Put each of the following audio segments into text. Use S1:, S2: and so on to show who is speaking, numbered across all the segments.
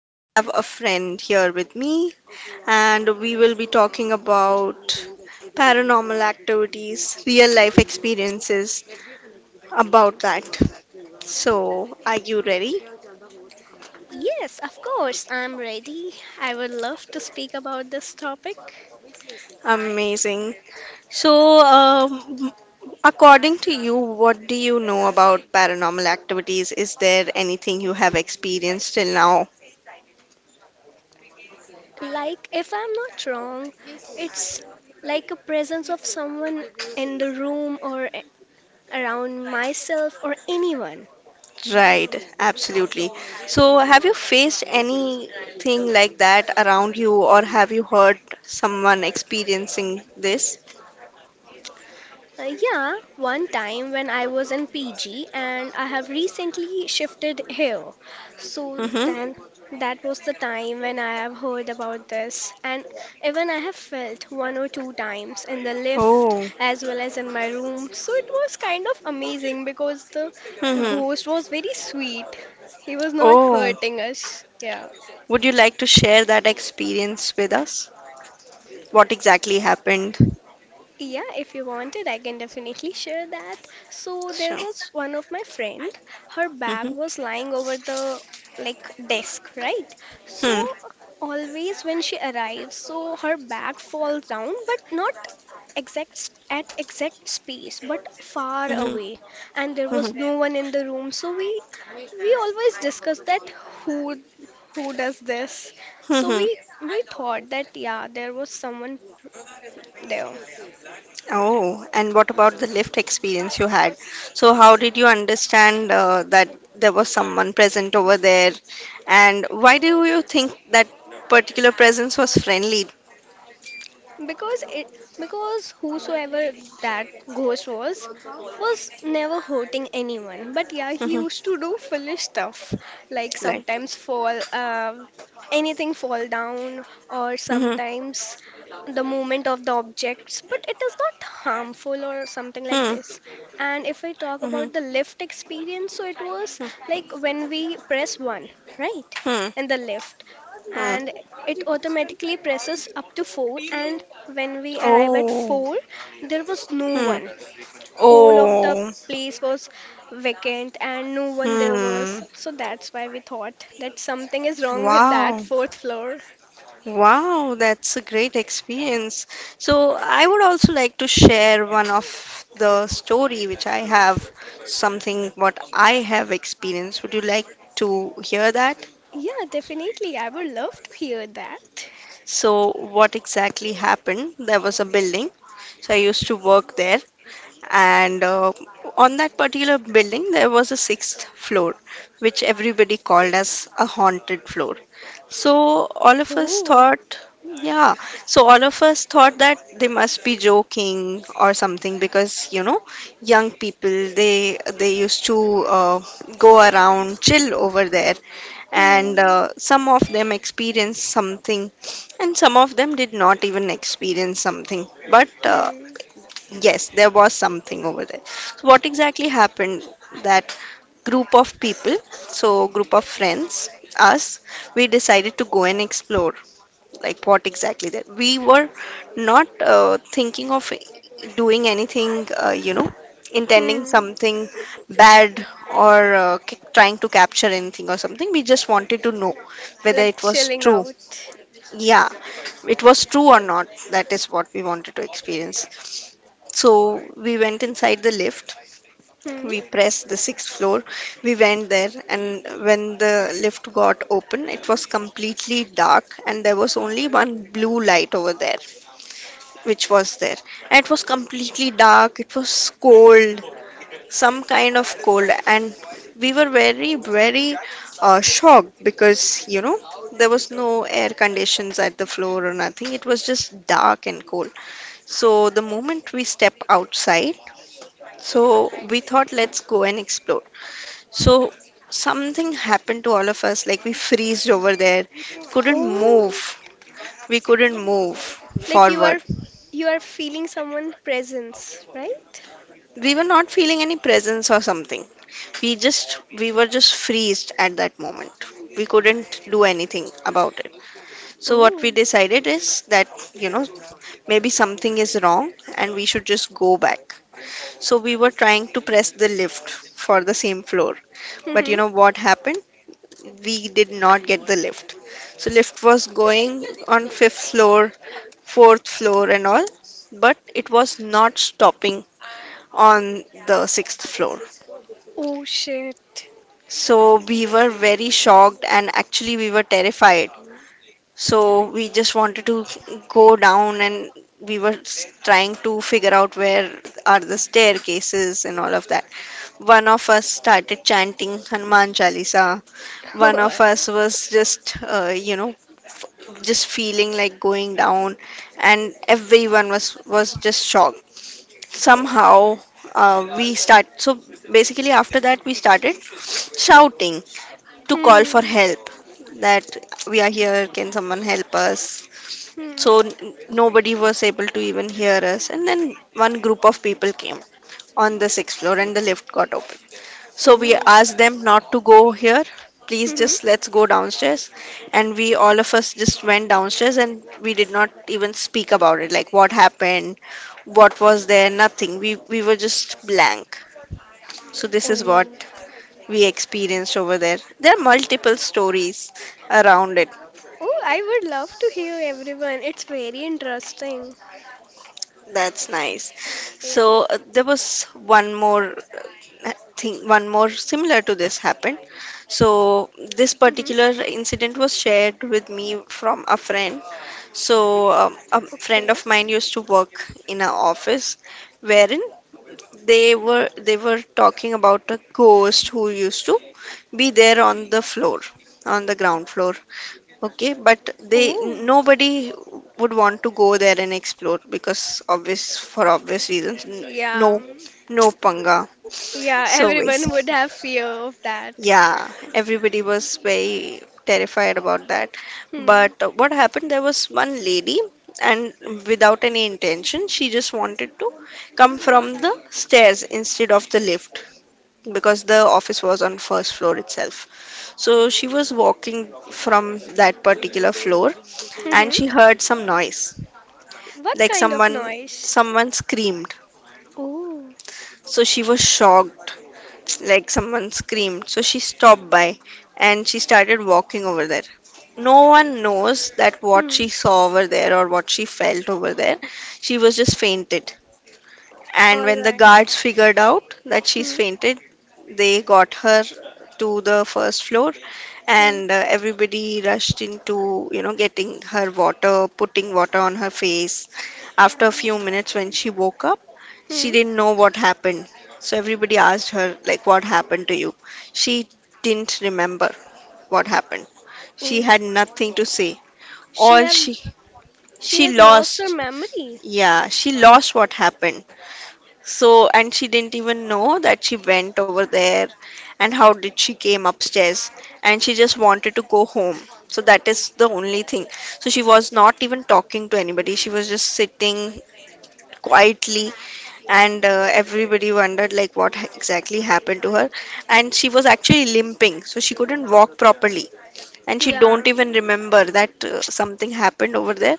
S1: I have a friend here with me, and we will be talking about paranormal activities, real life experiences about that. So, are you ready?
S2: Yes, of course, I'm ready. I would love to speak about this topic.
S1: Amazing. So, according to you, what do you know about paranormal activities? Is there anything you have experienced till now?
S2: Like, if I'm not wrong, it's like a presence of someone in the room or around myself or anyone.
S1: Right, absolutely. So, have you faced anything like that around you, or have you heard someone experiencing this?
S2: Yeah, one time when I was in PG and I have recently shifted here. So then
S1: Mm-hmm.
S2: that was the time when I have heard about this, and even I have felt one or two times in the lift
S1: Oh,
S2: as well as in my room. So it was kind of amazing because the
S1: mm-hmm.
S2: ghost was very sweet. He was not
S1: Oh,
S2: hurting us. Yeah.
S1: would you like to share that experience with us? What exactly happened?
S2: Yeah, if you wanted, I can definitely share that. So there
S1: Sure.
S2: was one of my friend, her bag
S1: Mm-hmm.
S2: was lying over the like desk, right?
S1: Hmm.
S2: So always when she arrives, so her bag falls down, but not at exact space, but far
S1: Mm-hmm.
S2: away. And there was
S1: Mm-hmm.
S2: no one in the room, so we always discuss that who does this. So we
S1: Mm-hmm.
S2: we thought that yeah, there was someone there.
S1: Oh, and what about the lift experience you had? So, how did you understand that there was someone present over there? And why do you think that particular presence was friendly?
S2: Because it because whosoever that ghost was never hurting anyone, but yeah, he
S1: Mhm.
S2: used to do foolish stuff, like
S1: Like,
S2: sometimes fall, anything fall down, or
S1: hmm,
S2: sometimes the movement of the objects, but it is not harmful or something like this.
S1: hmm,
S2: And if we talk
S1: hmm,
S2: about the lift experience, so it was
S1: hmm,
S2: like when we press one, right,
S1: hmm,
S2: in the lift, and
S1: hmm.
S2: it automatically presses up to 4, and when we arrive at
S1: Oh,
S2: 4, there was no
S1: hmm.
S2: one. Whole of the
S1: Oh,
S2: place was vacant and no one there was,
S1: hmm.
S2: so that's why we thought that something is wrong with that
S1: Wow.
S2: fourth floor.
S1: Wow, that's a great experience. So I would also like to share one of the story which I have, something what I have experienced. Would you like to hear that?
S2: Yeah, definitely, I would love to hear that.
S1: So what exactly happened? There was a building. So I used to work there, and on that particular building there was a sixth floor, which everybody called as a haunted floor. So all of us
S2: Oh.
S1: thought, yeah, so all of us thought that they must be joking or something, because you know, young people, they used to uh, go around, chill over there, and
S2: Hmm.
S1: some of them experienced something, and some of them did not even experience something. But
S2: Hmm.
S1: yes, there was something over there. So what exactly happened? That group of people, so group of friends, us, we decided to go and explore. Like what exactly that? We were not thinking of doing anything, intending
S2: Hmm.
S1: something bad, or trying to capture anything or something. We just wanted to know whether
S2: Like,
S1: it was
S2: chilling
S1: true,
S2: out.
S1: yeah, it was true or not. That is what we wanted to experience. So we went inside the lift,
S2: Hmm.
S1: we pressed the sixth floor, we went there, and when the lift got open, it was completely dark and there was only one blue light over there, which was there. And it was completely dark, it was cold, some kind of cold. And we were very very shocked, because there was no air conditions at the floor or nothing. It was just dark and cold. So the moment we step outside, so we thought, let's go and explore. So something happened to all of us, like we freezed over there, couldn't
S2: Oh.
S1: move, we couldn't move
S2: Like, you are,
S1: forward.
S2: you are feeling someone presence, right?
S1: We were not feeling any presence or something. We just, we were just freezed at that moment. We couldn't do anything about it. So what we
S2: Oh.
S1: decided is that, you know maybe something is wrong and we should just go back. So we were trying to press the lift for the same floor. But you
S2: Hmm.
S1: know what happened? We did not get the lift. So lift was going on fifth floor, fourth floor and all, but it was not stopping on the sixth floor.
S2: Oh shit.
S1: So we were very shocked, and actually we were terrified. So we just wanted to go down, and we were trying to figure out where are the staircases and all of that. One of us started chanting Hanuman Chalisa. One of us was just, just feeling like going down, and everyone was just shocked somehow. Uh, we start so basically, after that, we started shouting to call for
S2: Hmm.
S1: help, that, "We are here, can someone help us?"
S2: Hmm.
S1: So nobody was able to even hear us. And then one group of people came on the sixth floor and the lift got open. So we
S2: Oh.
S1: asked them not to go here. Please,
S2: Hmm.
S1: just let's go downstairs. And we, all of us, just went downstairs, and we did not even speak about it. Like what happened, what was there, nothing. We were just blank. So this is what
S2: Oh.
S1: we experienced over there. There are multiple stories around it.
S2: Oh, I would love to hear everyone. It's very interesting.
S1: That's nice.
S2: Yeah.
S1: So there was one more thing, one more similar to this happened. So this
S2: Hmm.
S1: particular incident was shared with me from a friend. So a friend
S2: Okay.
S1: of mine used to work in an office wherein they were talking about a ghost who used to be there on the floor, on the ground floor. Okay, but they,
S2: Oh.
S1: nobody would want to go there and explore, because obvious, for obvious reasons.
S2: Yeah.
S1: No, no panga.
S2: Yeah,
S1: So
S2: everyone would
S1: basically,
S2: have fear of that.
S1: yeah, everybody was very terrified about that.
S2: Hmm.
S1: But what happened? There was one lady, and without any intention, she just wanted to come from the stairs instead of the lift, because the office was on first floor itself. So she was walking from that particular floor
S2: Mm-hmm.
S1: and she heard some noise,
S2: What
S1: like
S2: kind of
S1: someone,
S2: noise?
S1: someone screamed.
S2: Oh.
S1: So she was shocked, like someone screamed, so she stopped by, and she started walking over there. No one knows that what
S2: Hmm.
S1: she saw over there or what she felt over there. She was just fainted, and
S2: All
S1: when the
S2: right.
S1: guards figured out that she's
S2: Hmm.
S1: fainted, they got her to the first floor,
S2: Hmm.
S1: and everybody rushed into, you know, getting her water, putting water on her face. After
S2: Yeah.
S1: a few minutes, when she woke up, she
S2: Hmm.
S1: didn't know what happened. So everybody asked her, like, what happened to you? She didn't remember what happened. She
S2: Oh.
S1: had nothing to say.
S2: She
S1: All
S2: have
S1: she
S2: she
S1: she
S2: has lost her
S1: lost,
S2: memory.
S1: yeah, she lost what happened. So, and she didn't even know that she went over there, and how did she came upstairs, and she just wanted to go home. So that is the only thing. So she was not even talking to anybody. She was just sitting quietly, and everybody wondered, like what exactly happened to her. And she was actually limping. So she couldn't walk properly, and she don't
S2: Yeah.
S1: even remember that something happened over there,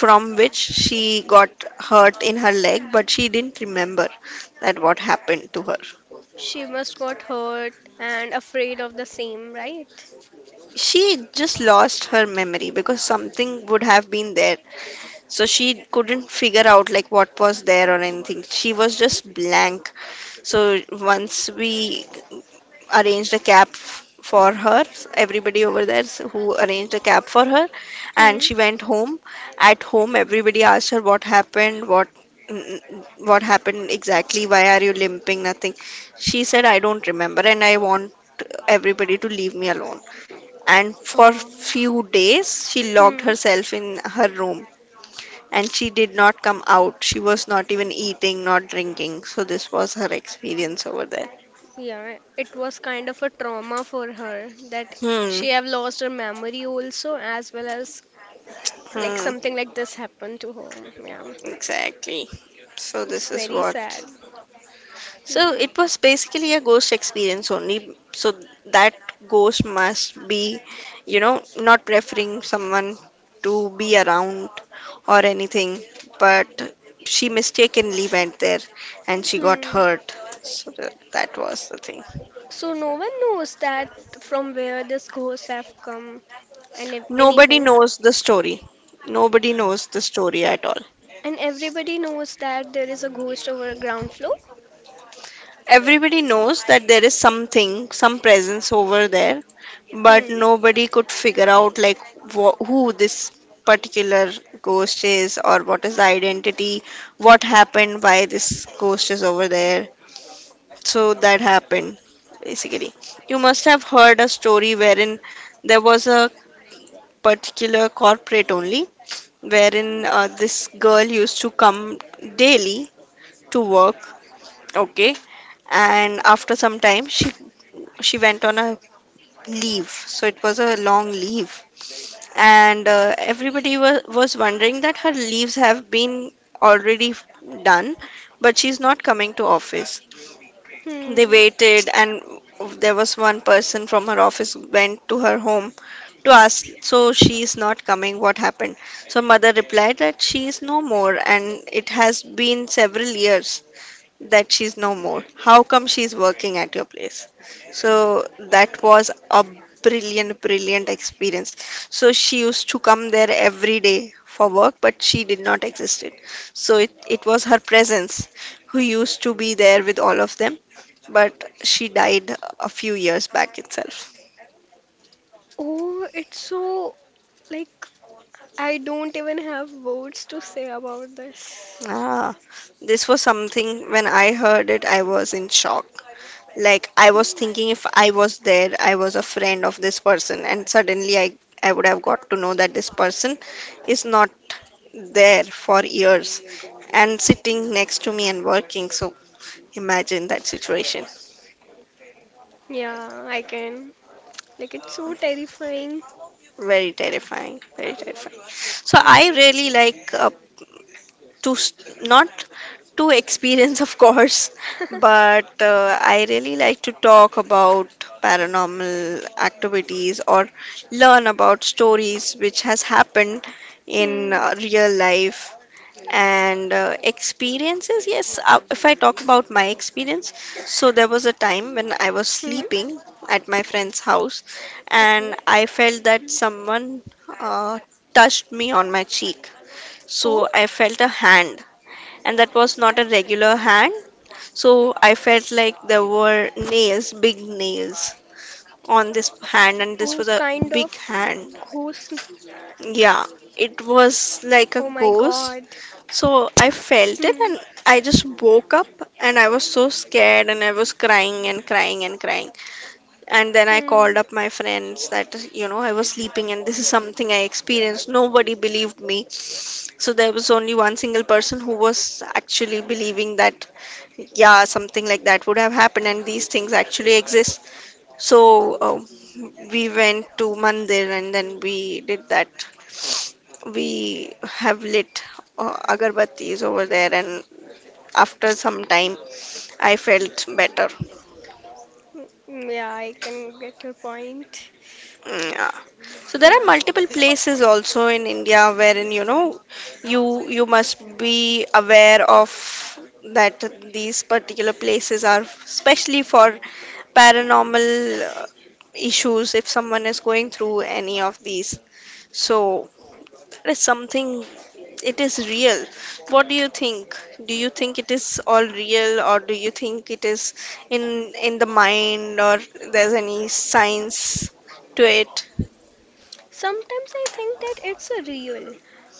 S1: from which she got hurt in her leg, but she didn't remember that what happened to her.
S2: She must got hurt and afraid of the same, right?
S1: She just lost her memory, because something would have been there, so she couldn't figure out like what was there or anything. She was just blank. So once we arranged a cab for her. Everybody over there, who arranged a cab for her, and
S2: Hmm.
S1: she went home. At home, everybody asked her what happened, what, what happened exactly, why are you limping, nothing. She said, I don't remember, and I want everybody to leave me alone. And for
S2: Oh.
S1: few days, she locked
S2: Hmm.
S1: herself in her room. And she did not come out. She was not even eating, not drinking. So this was her experience over there.
S2: Yeah, it was kind of a trauma for her that
S1: Hmm.
S2: she have lost her memory also, as well as like
S1: Hmm.
S2: something like this happened to her. Yeah.
S1: Exactly. So
S2: It's
S1: this is
S2: very
S1: what.
S2: sad.
S1: So
S2: Hmm.
S1: it was basically a ghost experience only. So that ghost must be, you know, not preferring someone to be around or anything, but she mistakenly went there and she got
S2: Hmm.
S1: hurt. So that was the thing.
S2: So no one knows that from where this ghost have come and if
S1: Nobody
S2: anything.
S1: knows the story. Nobody knows the story at all.
S2: And everybody knows that there is a ghost over a ground floor.
S1: Everybody knows that there is something, some presence over there, but
S2: Hmm.
S1: nobody could figure out like who this particular ghost is, or what is the identity, what happened, why this ghost is over there. So that happened basically. You must have heard a story wherein there was a particular corporate only, wherein this girl used to come daily to work, okay, and after some time she went on a leave. So it was a long leave, and everybody was wondering that her leaves have been already done, but she's not coming to office. They
S2: Hmm.
S1: waited, and there was one person from her office went to her home to ask, so she is not coming, what happened. So mother replied that she is no more, and it has been several years that she's no more. How come she's working at your place? So that was a brilliant, brilliant experience. So she used to come there every day for work, but she did not exist it. So it was her presence who used to be there with all of them, but she died a few years back itself.
S2: Oh, it's so. Like, I don't even have words to say about this.
S1: Ah, this was something. When I heard it, I was in shock. Like I was
S2: Hmm.
S1: thinking, if I was there, I was a friend of this person, and suddenly I would have got to know that this person is not there for years and sitting next to me and working. So imagine that situation.
S2: Yeah, I can. Like, it's so terrifying.
S1: Very terrifying, very terrifying. So
S2: Yeah.
S1: I really like to s- not to experience, of course, but I really like to talk about paranormal activities or learn about stories which has happened in
S2: Hmm.
S1: real life, and experiences. Yes, if I talk about my experience, so there was a time when I was
S2: Hmm.
S1: sleeping at my friend's house, and
S2: Okay.
S1: I felt that someone uh, touched me on my cheek. So
S2: Oh,
S1: I felt a hand, and that was not a regular hand. So I felt like there were nails, big nails
S2: oh,
S1: on this
S2: kind
S1: hand,
S2: of
S1: and this was a
S2: ghost.
S1: big hand. Yeah, it
S2: Oh my
S1: was like a
S2: God.
S1: ghost. So I felt
S2: Hmm.
S1: it, and I just woke up, and I was so scared, and I was crying and crying and crying, and then I
S2: Hmm.
S1: called up my friends that I was sleeping and this is something I experienced. Nobody believed me. So there was only one single person who was actually believing that yeah something like that would have happened and these things actually exist. So we went to mandir, and then we did that. We have lit agarbattis over there, and after some time I felt better.
S2: Hmm. Yeah, I can get your point.
S1: Mm, yeah. So there are
S2: Yeah.
S1: multiple places also in India wherein, you you must be aware of, that these particular places are especially for paranormal uh, issues if someone is going through any of these. So that is something, it is real. What do you think? Do you think it is all real, or do you think it is in in the mind, or there's any science to it?
S2: Sometimes I think that it's a real.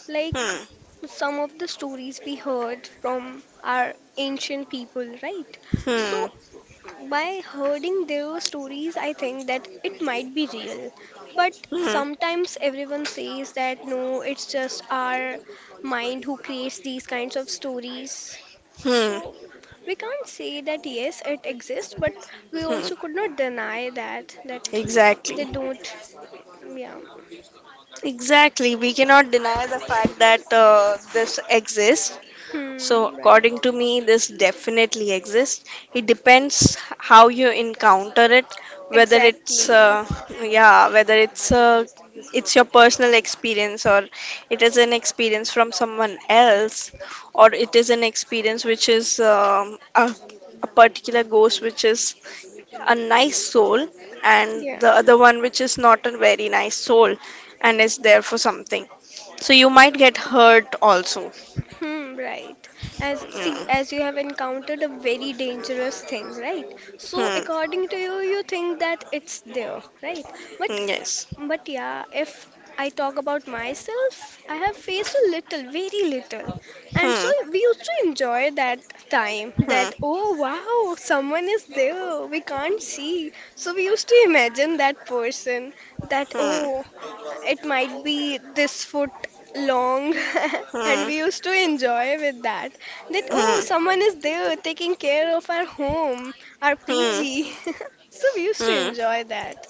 S2: Like,
S1: Hmm.
S2: some of the stories we heard from our ancient people, right?
S1: Hmm.
S2: So, by hearing their stories, I think that it might be real. But
S1: Hmm. Hmm.
S2: sometimes everyone says that no, it's just our mind who creates these kinds of stories.
S1: Hmm.
S2: So we can't say that yes, it exists, but we
S1: Hmm.
S2: also could not deny that
S1: Exactly.
S2: they don't. Yeah.
S1: Exactly. We cannot deny the fact that this exists. So,
S2: Hmm. Right.
S1: according to me, this definitely exists. It depends how you encounter it, whether it's
S2: Exactly.
S1: yeah, whether it's it's your personal experience, or it is an experience from someone else, or it is an experience which is a particular ghost which is a nice soul, and
S2: Yeah.
S1: the other one which is not a very nice soul, and is there for something. So you might get hurt also.
S2: Hmm, right. As, see,
S1: Yeah.
S2: as you have encountered a very dangerous thing, right? So
S1: Hmm.
S2: according to you, you think that it's there, right? But
S1: Yes.
S2: yeah, if I talk about myself, I have faced a little, very little. And so
S1: Hmm.
S2: we used to enjoy that time
S1: Hmm.
S2: that, oh wow, someone is there, we can't see. So we used to imagine that person that,
S1: Hmm.
S2: oh, it might be this foot long. And we
S1: Hmm.
S2: used to enjoy with that. That, oh,
S1: Hmm.
S2: someone is there taking care of our home, our
S1: Hmm.
S2: PG. So we used to
S1: Hmm.
S2: enjoy that.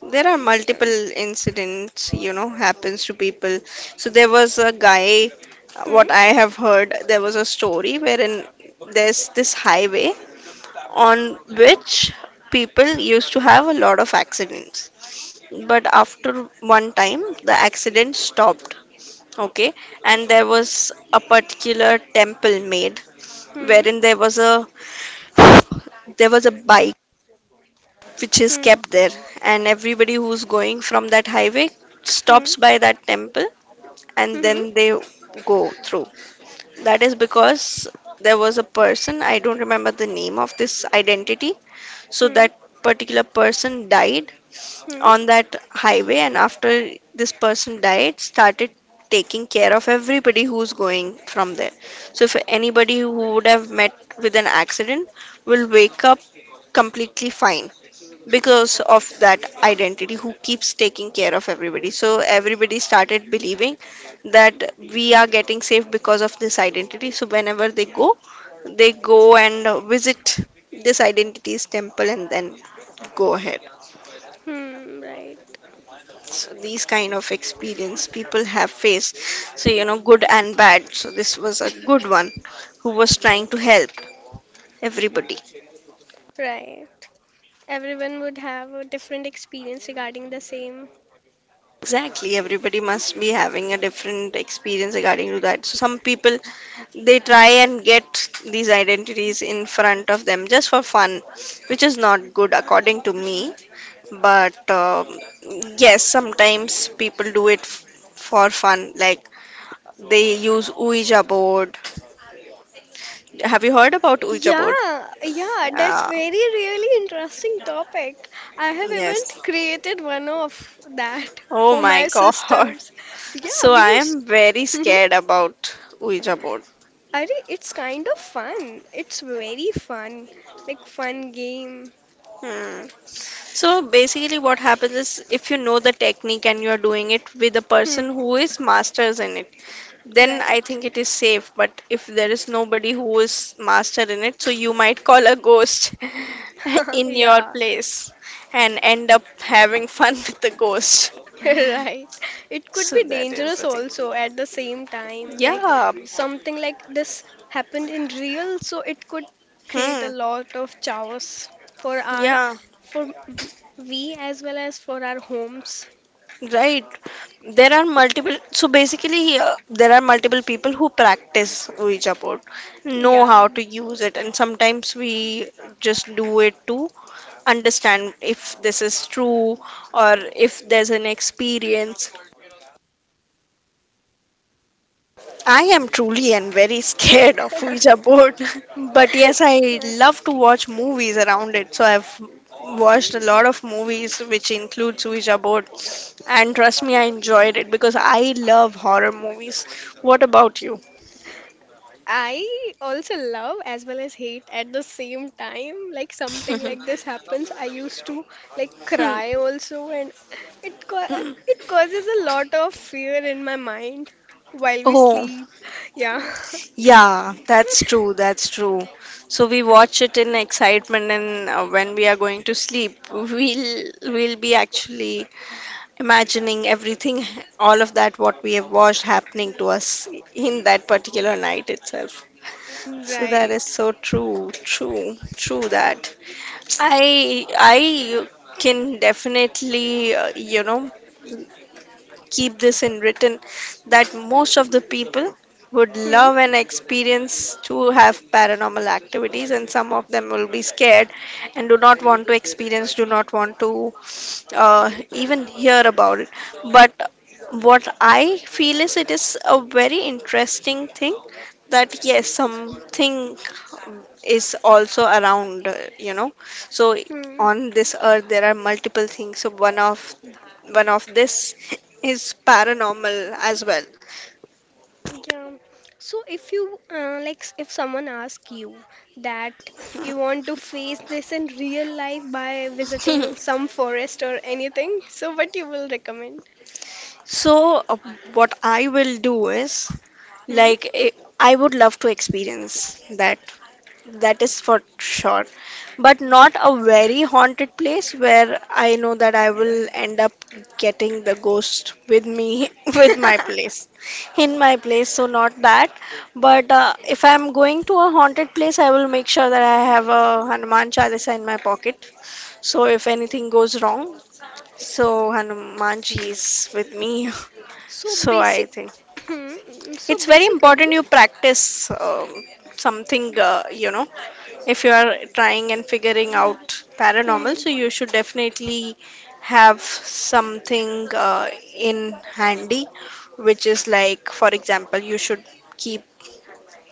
S1: There are
S2: Yeah.
S1: multiple incidents, happens to people. So there was a guy,
S2: Hmm?
S1: what I have heard, there was a story wherein there's this highway on which people used to have a lot of accidents. But after one time, the accident stopped. Okay, and there was a particular temple made,
S2: Hmm,
S1: wherein there was a bike which is
S2: hmm,
S1: kept there, and everybody who's going from that highway
S2: hmm,
S1: stops by that temple, and
S2: hmm,
S1: then they go through. That is because there was a person, I don't remember the name of this identity, so
S2: hmm,
S1: that particular person died
S2: hmm,
S1: on that highway, and after this person died, started taking care of everybody who's going from there. So if anybody who would have met with an accident will wake up completely fine because of that identity who keeps taking care of everybody. So everybody started believing that we are getting safe because of this identity, so whenever they go, they go and visit this identity's temple, and then go ahead.
S2: hmm, right,
S1: So these kind of experience people have faced. So good and bad, so this was a good one who was trying to help everybody.
S2: right. Everyone would have a different experience regarding the same.
S1: Exactly, everybody must be having a different experience regarding to that. So some people, they try and get these identities in front of them just for fun, which is not good according to me. But yes, sometimes people do it for fun, like they use Ouija board. Have you heard about Ouija board?
S2: Yeah, yeah, that's
S1: Yeah.
S2: very really interesting topic. I have even
S1: Yes.
S2: created one of that
S1: Oh
S2: for
S1: my
S2: my
S1: God.
S2: sisters. Yeah,
S1: So
S2: we
S1: I
S2: used.
S1: am very
S2: Mhm.
S1: scared about Ouija board.
S2: Are It's kind of fun. It's very fun, like, fun game.
S1: Hmm. So basically, what happens is if you know the technique and you're doing it with a person
S2: Hmm,
S1: who is masters in it, then I
S2: right.
S1: think it is safe. But if there is nobody who is master in it, so you might call a ghost in your
S2: Yeah.
S1: place and end up having fun with the ghost.
S2: Right. It could
S1: So
S2: be
S1: that is
S2: dangerous
S1: the thing.
S2: also at the same time. Like,
S1: Yeah.
S2: something like this happened in real, so it could create a
S1: Hmm.
S2: lot of chaos for our,
S1: Yeah.
S2: for we, as well as for our homes.
S1: Right. So basically, here there are multiple people who practice Ouija board, know
S2: Yeah.
S1: how to use it, and sometimes we just do it to understand if this is true, or if there's an experience. I am truly and very scared of Ouija board, but yes, I love to watch movies around it. So I've watched a lot of movies which includes Ouija board, and trust me, I enjoyed it because I love horror movies. What about you?
S2: I also love as well as hate at the same time. Like, something like this happens, I used to like cry also, and it ca- it causes a lot of fear in my mind while we
S1: Oh,
S2: sleep. Yeah,
S1: yeah, that's true. That's true. So we watch it in excitement, and when we are going to sleep, we'll be actually imagining everything, all of that, what we have watched happening to us in that particular night itself. So that
S2: right.
S1: is so true, true, true that. I can definitely keep this in written that most of the people would
S2: Hmm.
S1: love and experience to have paranormal activities, and some of them will be scared and do not want to experience, do not want to uh, even hear about it. But what I feel is it is a very interesting thing, that yes something is also around, so
S2: Hmm.
S1: on this earth there are multiple things, so one of this is paranormal as well.
S2: Yeah. So if you like, if someone asks you that you want to face this in real life by visiting some forest or anything, so what you will recommend?
S1: So, what I will do is,
S2: Hmm.
S1: like, I would love to experience that, that is for sure. But not a very haunted place where I know that I will end up getting the ghost with me, with my place, in my place. So, not that. But if I'm going to a haunted place, I will make sure that I have a Hanuman Chalisa in my pocket. So, if anything goes wrong, so Hanumanji is with me.
S2: So
S1: So, I
S2: basic,
S1: think
S2: hmm, mm, so
S1: it's very
S2: basically,
S1: important you practice something, if you are trying and figuring out paranormal,
S2: hmm,
S1: so you should definitely have something in handy, which is, like, for example, you should keep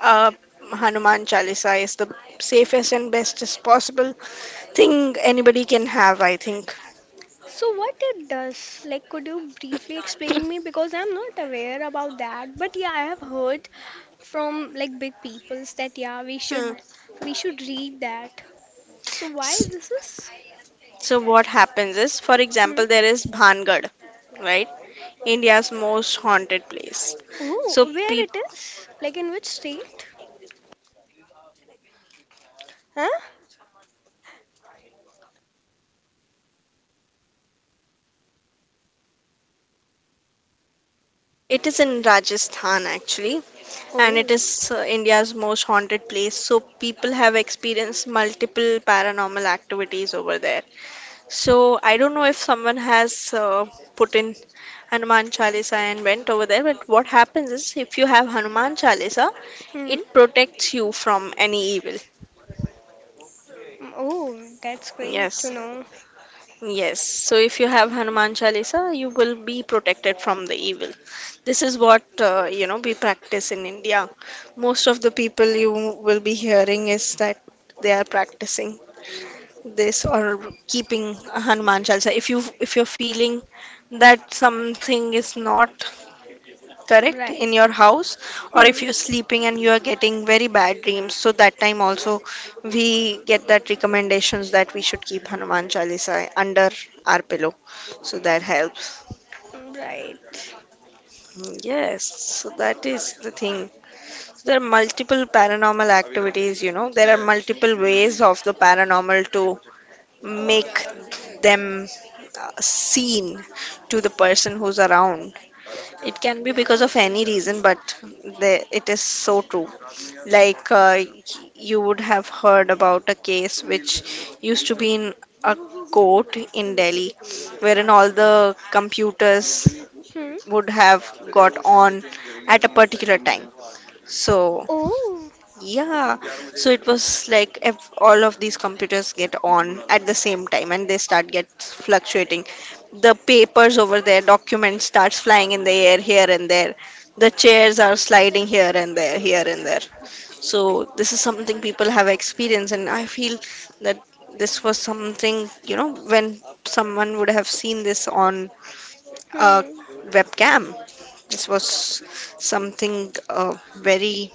S1: a Hanuman Chalisa is the safest and bestest possible thing anybody can have, I think.
S2: so what it does? Like, could you briefly explain me? Because I'm not aware about that. But yeah, I have heard from like big peoples that yeah,
S1: Hmm.
S2: we should read that. So why
S1: S-
S2: this is?
S1: So what happens is, for
S2: Hmm.
S1: example, there is Bhangad, right? India's most haunted place.
S2: Oh,
S1: So
S2: where
S1: peop
S2: it is? Like, in which state? Huh?
S1: it is in Rajasthan, actually. And it
S2: Oh.
S1: is India's most haunted place. So people have experienced multiple paranormal activities over there. So I don't know if someone has put in Hanuman Chalisa and went over there, but what happens is if you have Hanuman Chalisa,
S2: Hmm. Mm.
S1: it protects you from any evil.
S2: Oh, that's great to
S1: Yes.
S2: know.
S1: Yes, so if you have Hanuman Chalisa, you will be protected from the evil. This is what we practice in India. Most of the people you will be hearing is that they are practicing this or keeping a Hanuman Chalisa. If you're feeling that something is not correct in
S2: Right.
S1: your house, or if
S2: Hmm.
S1: you're sleeping and you are getting very bad dreams, so that time also, we get that recommendations that we should keep Hanuman Chalisa under our pillow. So that helps.
S2: Right.
S1: Yes, so that is the thing. So there are multiple paranormal activities. There are multiple ways of the paranormal to make them seen to the person who's around. It can be because of any reason, but it is so true. Like you would have heard about a case which used to be in a court in Delhi, wherein all the computers
S2: Hmm.
S1: would have got on at a particular time. So
S2: Oh.
S1: yeah, so it was like if all of these computers get on at the same time and they start get fluctuating. The papers over there, documents starts flying in the air here and there. The chairs are sliding here and there, here and there. So this is something people have experienced, and I feel that this was something, when someone would have seen this on a
S2: Hmm,
S1: webcam, this was something very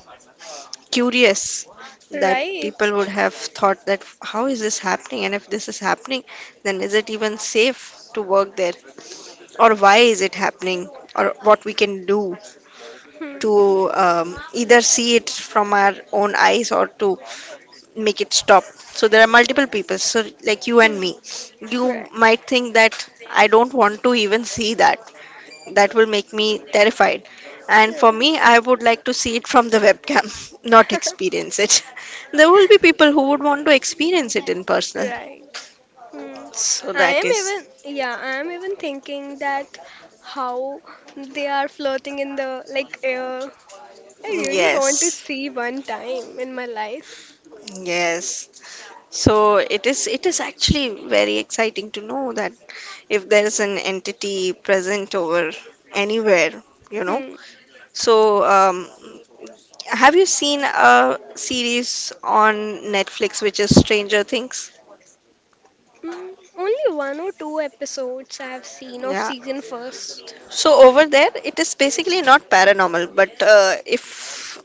S1: curious, that people
S2: right.
S1: would have thought that how is this happening, and if this is happening then is it even safe to work there, or why is it happening, or what we can do
S2: Hmm,
S1: to either see it from our own eyes or to make it stop. So there are multiple people, so like you and
S2: hmm,
S1: me, you
S2: right,
S1: might think that I don't want to even see that, that will make me terrified. And
S2: right,
S1: for me, I would like to see it from the webcam, not experience it. There will be people who would want to experience it in person.
S2: right. Hmm.
S1: So
S2: I
S1: that
S2: am
S1: is,
S2: even, yeah, I am even thinking that how they are floating in the like air. I really want to
S1: yes.
S2: see one time in my life.
S1: Yes. So it is actually very exciting to know that if there is an entity present over anywhere, you know.
S2: Hmm.
S1: So have you seen a series on Netflix which is Stranger Things?
S2: Hmm. Only one or two episodes I have seen of
S1: Yeah.
S2: season first.
S1: So over there, it is basically not paranormal, but if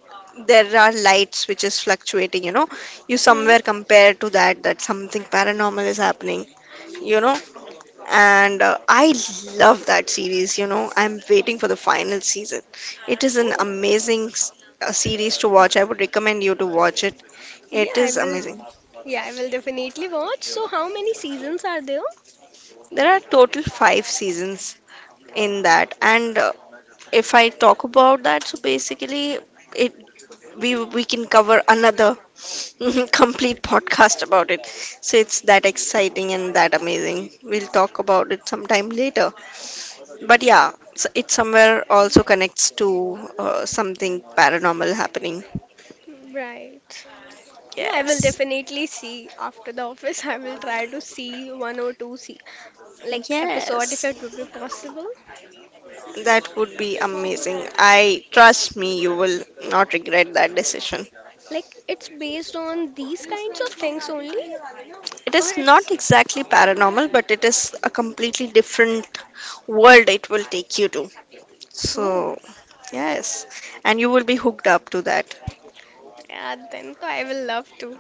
S1: there are lights which is fluctuating, you
S2: Hmm.
S1: somewhere compare to that that something paranormal is happening, you know, and I love that series. I'm waiting for the final season. It is an
S2: Oh,
S1: amazing series to watch. I would recommend you to watch it.
S2: yeah,
S1: It
S2: I
S1: is
S2: will.
S1: amazing.
S2: Yeah, I will definitely watch. So, how many seasons are there?
S1: There are total 5 seasons in that, and if I talk about that, so basically. It we we can cover another complete podcast about it. So it's that exciting and that amazing. We'll talk about it sometime later. But yeah, so it somewhere also connects to something paranormal happening.
S2: Right. Yeah, I will
S1: Yes.
S2: definitely see after the office. I will try to see one or two see like episode if
S1: Yes.
S2: it would be possible.
S1: That would be amazing. I trust me, you will not regret that decision.
S2: Like, it's based on these kinds of things only,
S1: It
S2: or
S1: is not
S2: it's
S1: exactly paranormal, but it is a completely different world it will take you to.
S2: oh
S1: So yes, and you will be hooked up to that.
S2: yeah. Then so I will love to.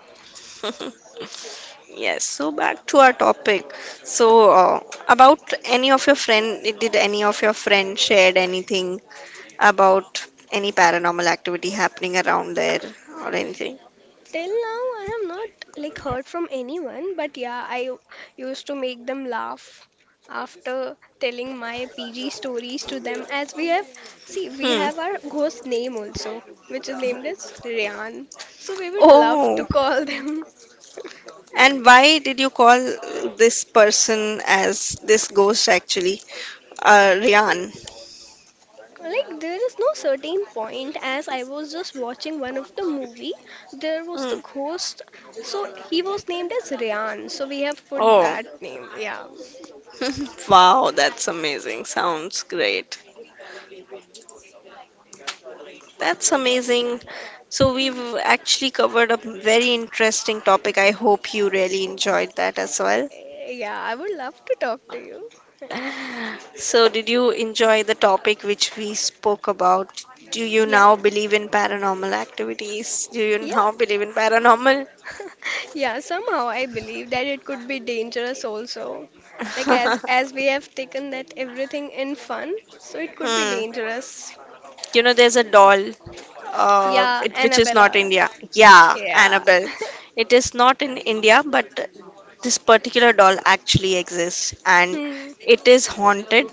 S1: Yes, so back to our topic. So, about any of your friend, did any of your friend shared anything about any paranormal activity happening around there or anything?
S2: Till now, I have not like heard from anyone, but yeah, I used to make them laugh after telling my PG stories to them. As we have, see, we
S1: Hmm.
S2: have our ghost name also, which is named as Ryan. So we would love
S1: Oh,
S2: to call them.
S1: and why did you call this person as this ghost actually? Ryan.
S2: Like, there is no certain point as I was just watching one of the movie. There was the
S1: Hmm.
S2: ghost, so he was named as Ryan. So we have put
S1: Oh,
S2: that name. Yeah.
S1: wow, that's amazing. Sounds great. That's amazing. So,
S2: Hmm.
S1: we've actually covered a very interesting topic. I hope you really enjoyed that as well.
S2: Eh, yeah, I would love to talk to you.
S1: So, did you enjoy the topic which we spoke about? Do you
S2: Yeah,
S1: now believe in paranormal activities? Do you
S2: yeah.
S1: now believe in paranormal?
S2: Yeah, somehow I believe that it could be dangerous also. Like, as we have taken that everything in fun, so it could be
S1: Hmm.
S2: dangerous.
S1: You know, there's a doll,
S2: Yeah,
S1: which is not
S2: Annabella.
S1: India. Yeah,
S2: Yeah.
S1: Annabelle. It is not in India, but this particular doll actually exists and
S2: Hmm.
S1: it is haunted,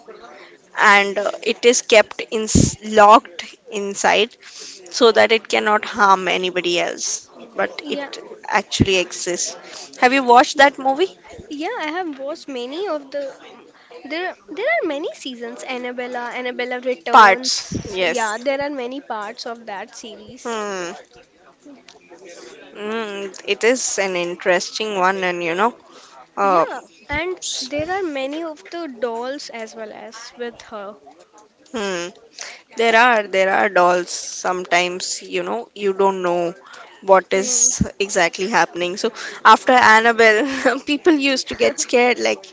S1: and it is kept in locked inside so that it cannot harm anybody else, but
S2: Yeah.
S1: it actually exists. Have you watched that movie
S2: Yeah, I have watched many of the there are many seasons, Annabella, Annabella
S1: parts?
S2: Returns. Yeah,
S1: Yes.
S2: there are many parts of that series.
S1: Hmm. Mm, it is an interesting one, and you know uh,
S2: Yeah, and there are many of the dolls as well as with her.
S1: hmm. There are dolls. Sometimes, you know, you don't know what is
S2: Hmm.
S1: exactly happening. So after Annabelle, people used to get scared. Like,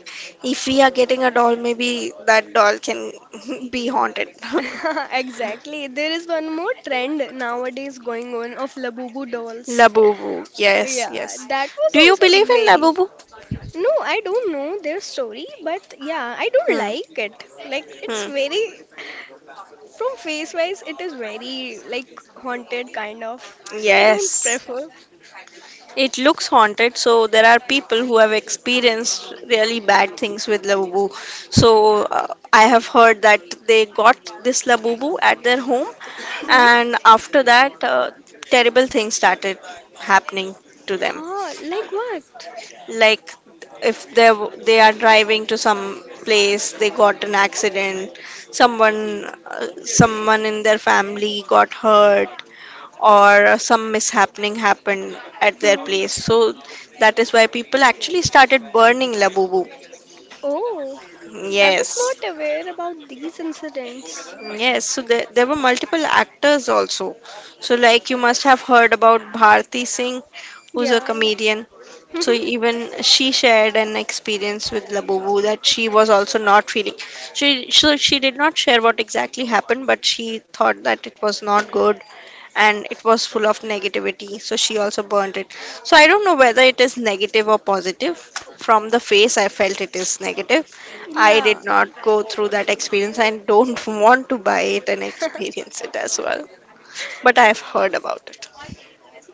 S1: if we are getting a doll, maybe that doll can be haunted.
S2: Exactly. There is one more trend nowadays going on of Labubu dolls.
S1: Labubu. Yes,
S2: Yeah,
S1: yes.
S2: that was
S1: Do you
S2: also
S1: believe in
S2: very.
S1: Labubu?
S2: No, I don't know their story, but yeah, I don't
S1: Hmm.
S2: like it. Like, it's
S1: Hmm.
S2: very. From face wise, it is very, like, haunted kind of. So I don't
S1: Yes.
S2: prefer.
S1: It looks haunted, so there are people who have experienced really bad things with Labubu. So I have heard that they got this Labubu at their home,
S2: Hmm?
S1: and after that, terrible things started happening to them.
S2: Huh, like what?
S1: Like if they are driving to some place, they got an accident. Someone someone in their family got hurt, or some mishappening happened at their
S2: Hmm.
S1: place. So that is why people actually started burning Labubu.
S2: Oh. I was
S1: Yes.
S2: not aware about these incidents.
S1: Yes, so there were multiple actors also. So, like, you must have heard about Bharti Singh, who's a
S2: Yeah.
S1: comedian. So even she shared an experience with Labubu that she was also not feeling. She did not share what exactly happened, but she thought that it was not good and it was full of negativity. So she also burned it. So I don't know whether it is negative or positive. From the face, I felt it is negative. I
S2: Yeah.
S1: did not go through that experience and don't want to buy it and experience it as well. But I've heard about it.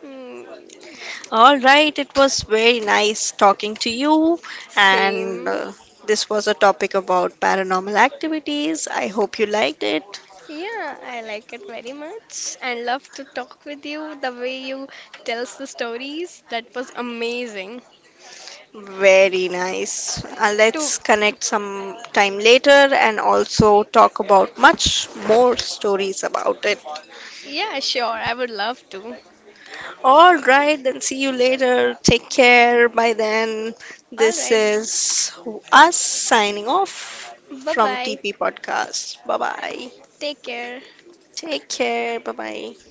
S2: Mm.
S1: All right, it was very nice talking to you, and
S2: Same.
S1: this was a topic about paranormal activities. I hope you liked it.
S2: Yeah, I like it very much and love to talk with you the way you tells the stories. That was amazing.
S1: Very nice.
S2: To,
S1: Let's connect some time later and also talk about much more stories about it.
S2: yeah, sure, I would love to.
S1: All right, then see you later. Take care. By then,
S2: All
S1: this
S2: right.
S1: is us signing off from
S2: Bye-bye.
S1: TP Podcast. Bye bye.
S2: Take care.
S1: Take care. Bye bye.